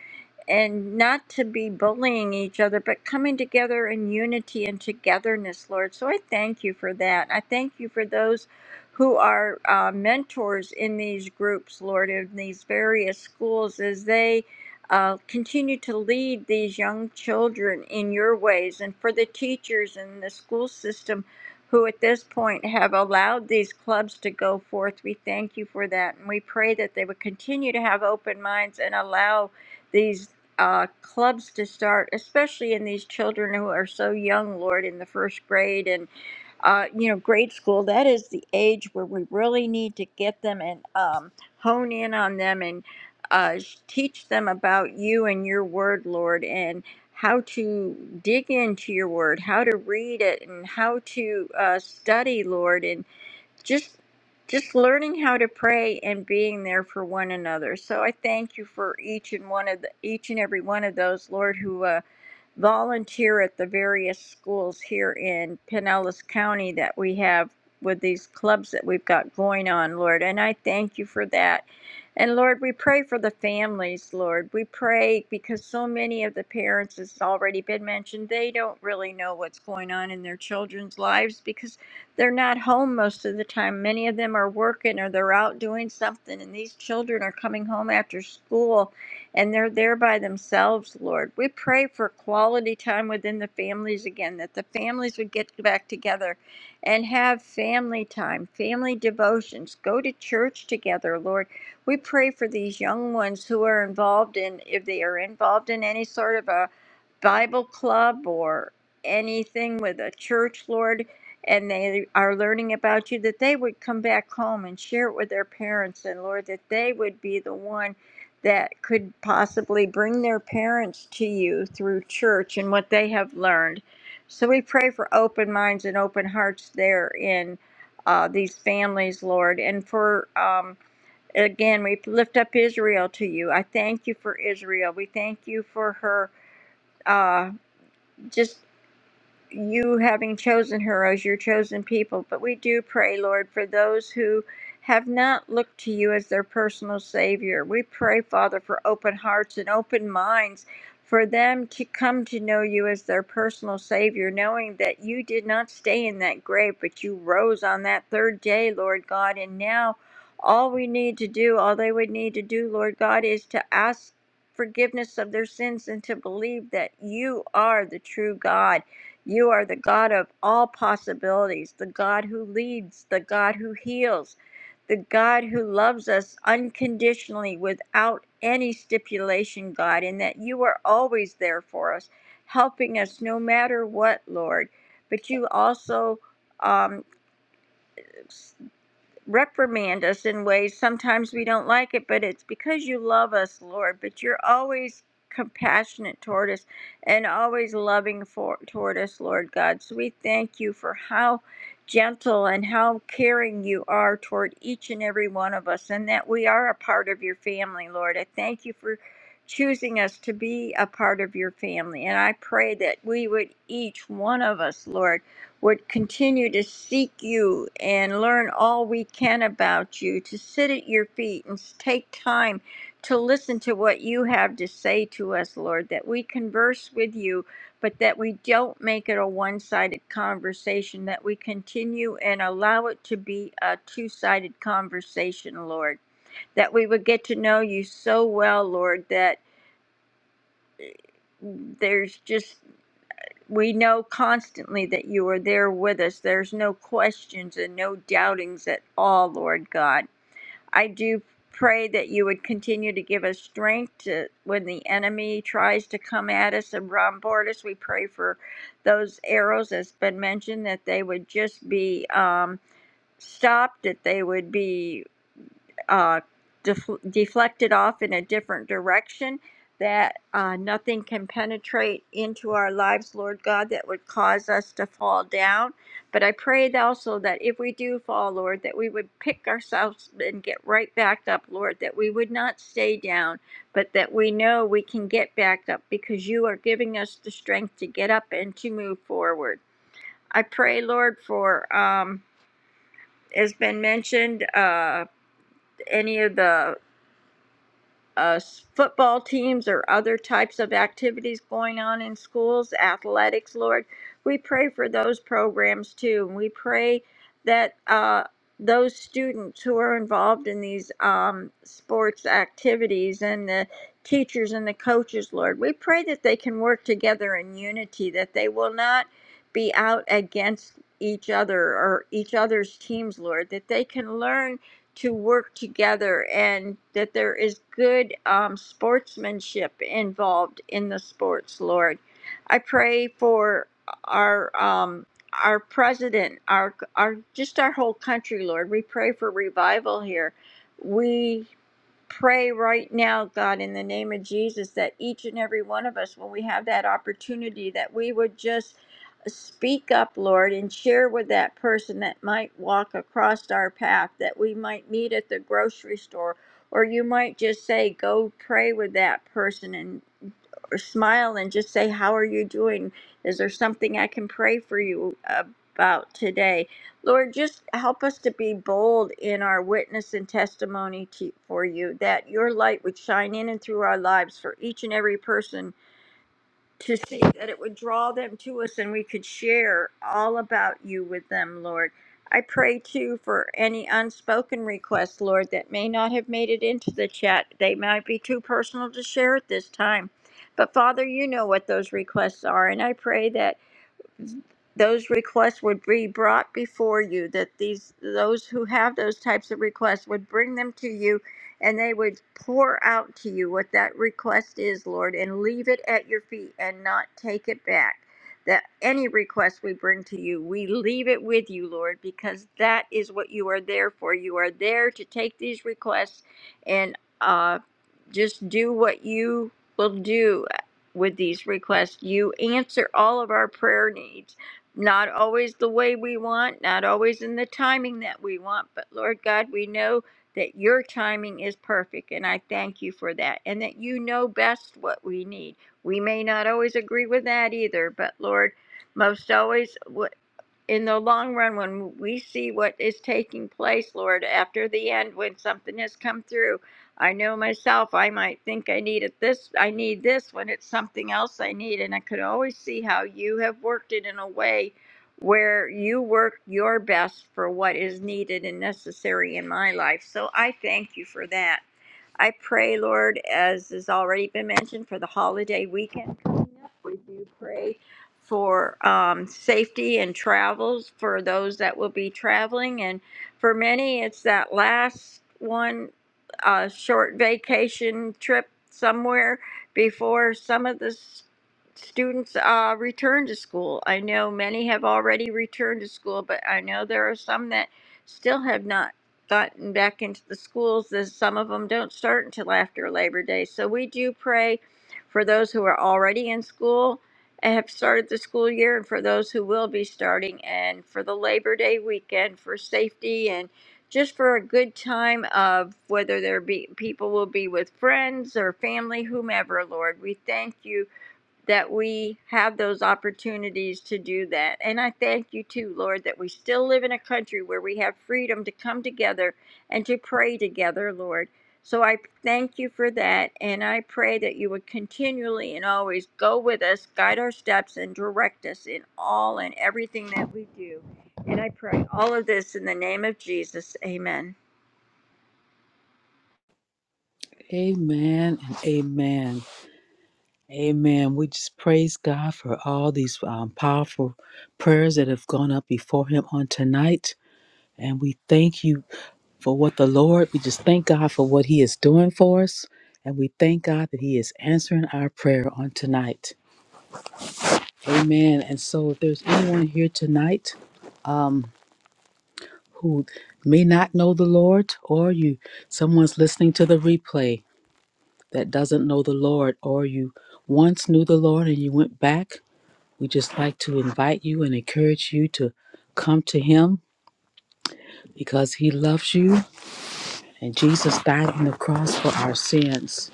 B: and not to be bullying each other, but coming together in unity and togetherness, Lord. So I thank you for that. I thank you for those who are uh, mentors in these groups, Lord, in these various schools as they. Uh, continue to lead these young children in your ways, and for the teachers and the school system who at this point have allowed these clubs to go forth, we thank you for that. And we pray that they would continue to have open minds and allow these uh, clubs to start, especially in these children who are so young, Lord, in the first grade and, uh, you know, grade school. That is the age where we really need to get them and um, hone in on them and uh, teach them about you and your word, Lord, and how to dig into your word, how to read it, and how to uh, study, Lord, and just just learning how to pray and being there for one another. So I thank you for each and one of the each and every one of those, Lord, who uh, volunteer at the various schools here in Pinellas County that we have with these clubs that we've got going on, Lord. And I thank you for that. And Lord, we pray for the families, Lord. We pray because so many of the parents, it's already been mentioned, they don't really know what's going on in their children's lives because they're not home most of the time. Many of them are working or they're out doing something, and these children are coming home after school and they're there by themselves, Lord. We pray for quality time within the families again, that the families would get back together and have family time, family devotions, go to church together, Lord. We pray for these young ones who are involved in, if they are involved in any sort of a Bible club or anything with a church, Lord. And they are learning about you, that they would come back home and share it with their parents, and Lord, that they would be the one that could possibly bring their parents to you through church and what they have learned. So we pray for open minds and open hearts there in uh, these families, Lord, and for. Um, Again, we lift up Israel to you. I thank you for Israel. We thank you for her uh, just you having chosen her as your chosen people. But we do pray, Lord, for those who have not looked to you as their personal Savior. We pray, Father, for open hearts and open minds for them to come to know you as their personal Savior, knowing that you did not stay in that grave, but you rose on that third day, Lord God. And now all we need to do, all they would need to do, Lord God, is to ask forgiveness of their sins and to believe that you are the true God you are the God of all possibilities, the God who leads, the God who heals, the God who loves us unconditionally without any stipulation, God, and that you are always there for us, helping us no matter what, Lord. But you also um, reprimand us in ways sometimes we don't like it, but it's because you love us, Lord. But you're always compassionate toward us and always loving for toward us, Lord God. So we thank you for how gentle and how caring you are toward each and every one of us, and that we are a part of your family, Lord. I thank you for choosing us to be a part of your family. And I pray that we would each one of us, Lord would continue to seek you and learn all we can about you, to sit at your feet and take time to listen to what you have to say to us, Lord, that we converse with you, but that we don't make it a one sided conversation, that we continue and allow it to be a two sided conversation, Lord, that we would get to know you so well, Lord, that. eh, There's just we know constantly that you are there with us. There's no questions and no doubtings at all, Lord God. I do pray that you would continue to give us strength to, when the enemy tries to come at us and bombard us. We pray for those arrows that's been mentioned that they would just be um, stopped, that they would be uh, def- deflected off in a different direction, that uh, nothing can penetrate into our lives, Lord God, that would cause us to fall down. But I pray that also that if we do fall, Lord, that we would pick ourselves and get right back up, Lord, that we would not stay down, but that we know we can get back up because you are giving us the strength to get up and to move forward. I pray, Lord, for. Um, has been mentioned uh, any of the uh, football teams or other types of activities going on in schools, athletics, Lord. We pray for those programs too. And we pray that uh, those students who are involved in these um, sports activities and the teachers and the coaches, Lord, we pray that they can work together in unity, that they will not be out against each other or each other's teams, Lord, that they can learn to work together and that there is good um, sportsmanship involved in the sports, Lord. I pray for our um, our president, our our just our whole country, Lord. We pray for revival here. We pray right now, God, in the name of Jesus, that each and every one of us, when we have that opportunity, that we would just speak up, Lord, and share with that person that might walk across our path, that we might meet at the grocery store, or you might just say, go pray with that person and or smile and just say, how are you doing? Is there something I can pray for you about today? Lord, just help us to be bold in our witness and testimony to, for you, that your light would shine in and through our lives for each and every person to see, that it would draw them to us and we could share all about you with them, Lord. I pray too for any unspoken requests, Lord, that may not have made it into the chat. They might be too personal to share at this time. But Father, you know what those requests are, and I pray that those requests would be brought before you that these those who have those types of requests would bring them to you and they would pour out to you what that request is lord and leave it at your feet and not take it back that any request we bring to you we leave it with you lord because that is what you are there for you are there to take these requests and uh just do what you will do with these requests. You answer all of our prayer needs, not always the way we want, not always in the timing that we want, but Lord God, we know that your timing is perfect, and I thank you for that, and that you know best what we need. We may not always agree with that either, but Lord, most always, in the long run, when we see what is taking place, Lord, after the end, when something has come through, I know myself, I might think I need it this, I need this when it's something else I need. And I could always see how you have worked it in a way where you work your best for what is needed and necessary in my life. So I thank you for that. I pray, Lord, as has already been mentioned, for the holiday weekend coming up. We do pray for um, safety and travels for those that will be traveling. And for many, it's that last one uh, short vacation trip somewhere before some of the s- students uh, return to school. I know many have already returned to school, but I know there are some that still have not gotten back into the schools. This, some of them don't start until after Labor Day. So we do pray for those who are already in school and have started the school year, and for those who will be starting, and for the Labor Day weekend for safety and just for a good time of whether there be people will be with friends or family, whomever, Lord. We thank you that we have those opportunities to do that. And I thank you too, Lord, that we still live in a country where we have freedom to come together and to pray together, Lord. So I thank you for that. And I pray that you would continually and always go with us, guide our steps, and direct us in all and everything that we do. And I pray all of this in the name of Jesus. Amen.
C: Amen and amen. Amen. We just praise God for all these um, powerful prayers that have gone up before Him on tonight. And we thank you for what the Lord, we just thank God for what He is doing for us. And we thank God that He is answering our prayer on tonight. Amen. And so if there's anyone here tonight um, who may not know the Lord, or you, someone's listening to the replay that doesn't know the Lord, or you once knew the Lord and you went back We just like to invite you and encourage you to come to Him because He loves you and Jesus died on the cross for our sins.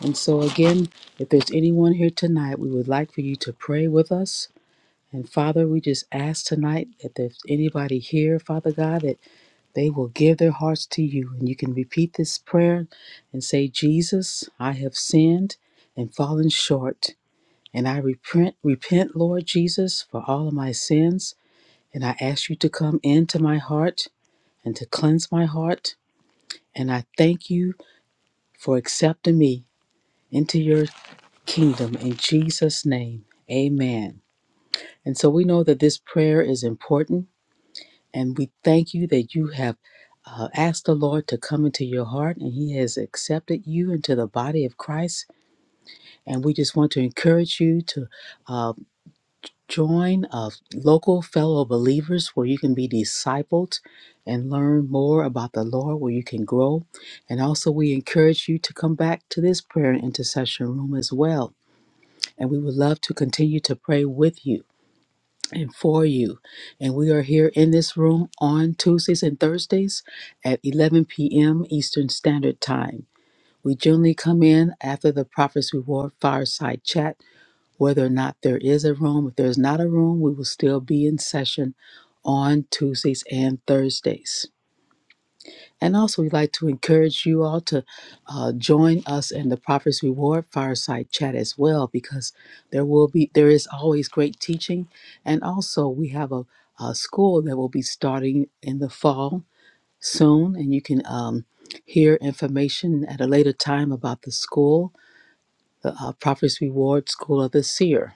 C: And so, again, if there's anyone here tonight, we would like for you to pray with us. And Father, we just ask tonight that there's anybody here, Father God, that they will give their hearts to you. And you can repeat this prayer and say, Jesus, I have sinned and fallen short. And I repent, repent, Lord Jesus, for all of my sins. And I ask you to come into my heart and to cleanse my heart. And I thank you for accepting me into your kingdom in Jesus' name. Amen. And so we know that this prayer is important. And we thank you that you have uh, asked the Lord to come into your heart and He has accepted you into the body of Christ. And we just want to encourage you to. uh, Join a local fellow believers where you can be discipled and learn more about the Lord, where you can grow. And also, we encourage you to come back to this prayer and intercession room as well. And we would love to continue to pray with you and for you. And we are here in this room on Tuesdays and Thursdays at 11 p.m. Eastern Standard Time. We generally come in after the Prophet's Reward fireside chat whether or not there is a room. If there's not a room, we will still be in session on Tuesdays and Thursdays. And also, we'd like to encourage you all to uh, join us in the Prophet's Reward Fireside Chat as well, because there will be there is always great teaching, and also we have a, a school that will be starting in the fall soon, and you can um, hear information at a later time about the school, the uh, Prophet's Reward School of the Seer.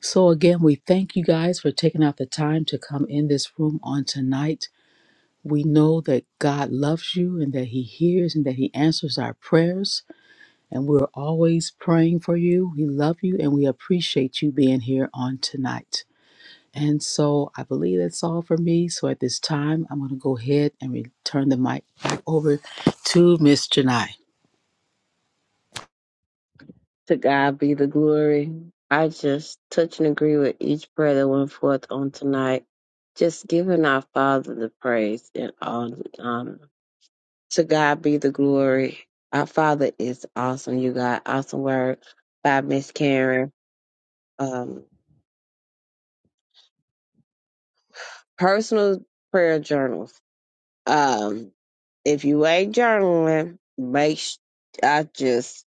C: So, again, we thank you guys for taking out the time to come in this room on tonight. We know that God loves you and that He hears and that He answers our prayers. And we're always praying for you. We love you and we appreciate you being here on tonight. And so, I believe that's all for me. So, at this time, I'm going to go ahead and return the mic back over to Miss Janai.
A: To God be the glory. I just touch and agree with each prayer that went forth on tonight. Just giving our Father the praise and all the honor. To God be the glory. Our Father is awesome. You got awesome word by Miss Karen. Um, personal prayer journals. Um, if you ain't journaling, make sh- I just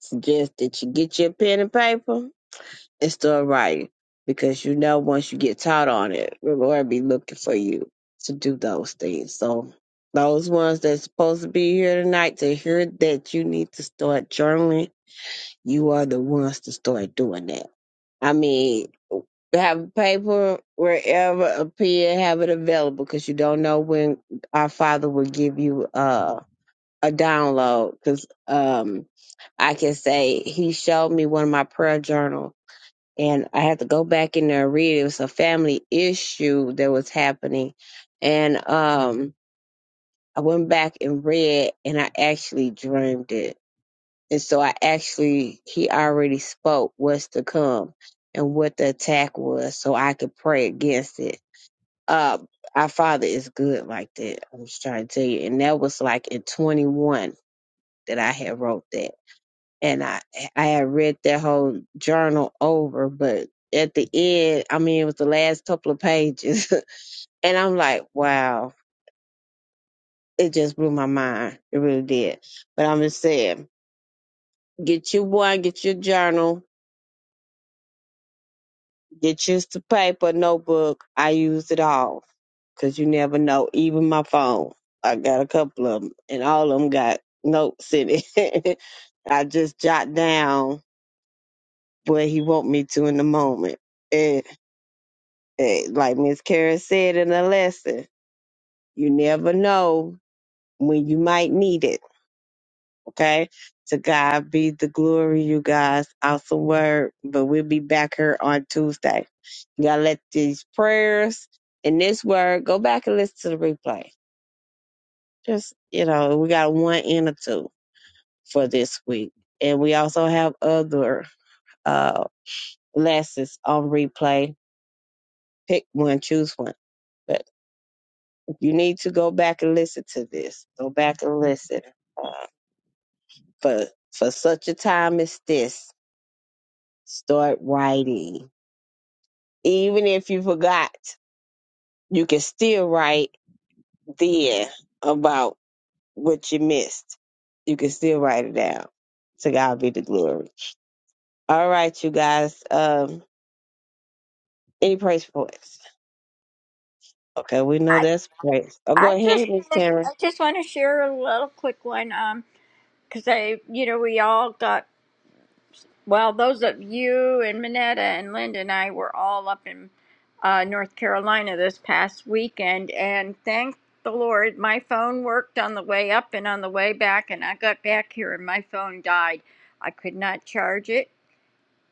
A: suggest that you get your pen and paper It's still right because you know once you get taught on it, we're going to be looking for you to do those things. So those ones that's supposed to be here tonight to hear that you need to start journaling, you are the ones to start doing that. I mean, have paper wherever a pen, have it available because you don't know when our Father will give you uh, a download. Because um, I can say He showed me one of my prayer journals and I had to go back in there and read. It was a family issue that was happening, and um, I went back and read, and I actually dreamed it. And so I actually, he already spoke what's to come and what the attack was, so I could pray against it. Uh, our Father is good like that. I'm just trying to tell you, and that was like in 21 that I had wrote that and I I had read that whole journal over, but at the end, I mean, it was the last couple of pages, and I'm like, wow, it just blew my mind. It really did. But I'm just saying, get you one, get your journal, get you the paper, notebook. I used it all because you never know. Even my phone, I got a couple of them, and all of them got notes in it. I just jot down what he want me to in the moment Eh, Like Miss Karen said in the lesson, you never know when you might need it. Okay. To God be the glory, you guys. Awesome word. But we'll be back here on Tuesday. You gotta let these prayers and this word go back and listen to the replay. Just, you know, we got one and a two for this week. And we also have other uh lessons on replay. Pick one, choose one. You need to go back and listen to this. Go back and listen. Uh, for for such a time as this, start writing. Even if you forgot, you can still write then about what you missed. You can still write it down. To God be the glory. All right, you guys. Um, any praise points? Okay, we know
B: I,
A: that's praise. Oh, go
B: I just
A: ahead, Miss
B: I
A: Karen.
B: just want to share a little quick one um because I you know we all got Well, those of you and Minetta and Linda and I were all up in uh, North Carolina this past weekend, and thank the Lord, my phone worked on the way up and on the way back, and I got back here and my phone died. I could not charge it.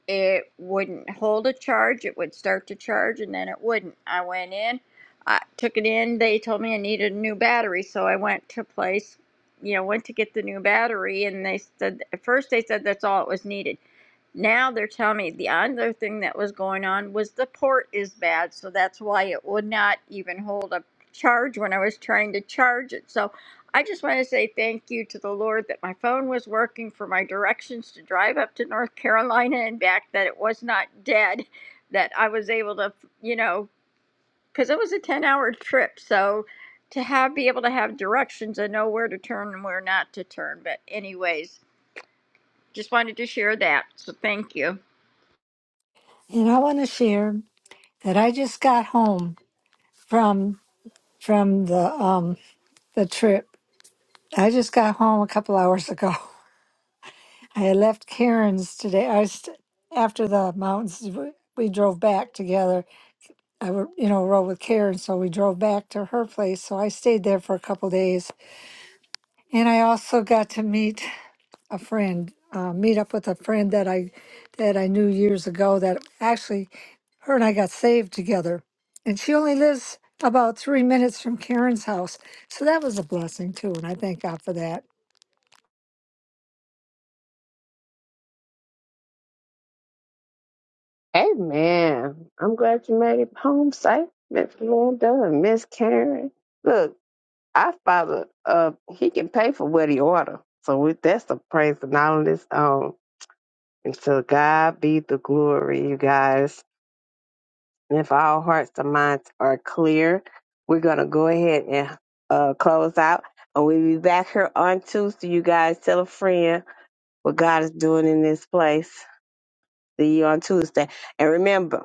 B: It wouldn't hold a charge. It would start to charge and then it wouldn't. I went in, I took it in. They told me I needed a new battery, so I went to place, you know, went to get the new battery, and they said at first they said that's all it was needed. Now they're telling me the other thing that was going on was the port is bad, so that's why it would not even hold a charge when I was trying to charge it. So I just want to say thank you to the Lord that my phone was working for my directions to drive up to North Carolina and back, that it was not dead, that I was able to, you know, because it was a 10 hour trip. So to have be able to have directions and know where to turn and where not to turn. But anyways, just wanted to share that. So thank you.
D: And I want to share that I just got home from from the um the trip. I just got home a couple hours ago. I had left Karen's today. I st- after the mountains, we we drove back together. I were, you know rode with Karen, so we drove back to her place. So I stayed there for a couple days, and I also got to meet a friend, uh, meet up with a friend that I that I knew years ago. That actually, her and I got saved together, and she only lives about three minutes from Karen's house. So that was a blessing too, and I thank God for that.
A: Amen. I'm glad you made it home safe, Miss Linda and Miss Karen. Look, our father, uh, he can pay for what he order. So we, that's the praise and all this um. And to God be the glory, you guys. And if our hearts and minds are clear, we're gonna go ahead and uh close out, and we'll be back here on Tuesday. You guys, tell a friend what God is doing in this place. See you on Tuesday, and remember.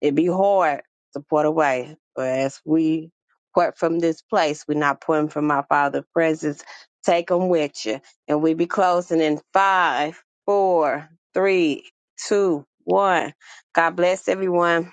A: it be hard to put away. But as we part from this place, we're not putting from our Father's presence. Take them with you. And we be closing in five, four, three, two, one. God bless everyone.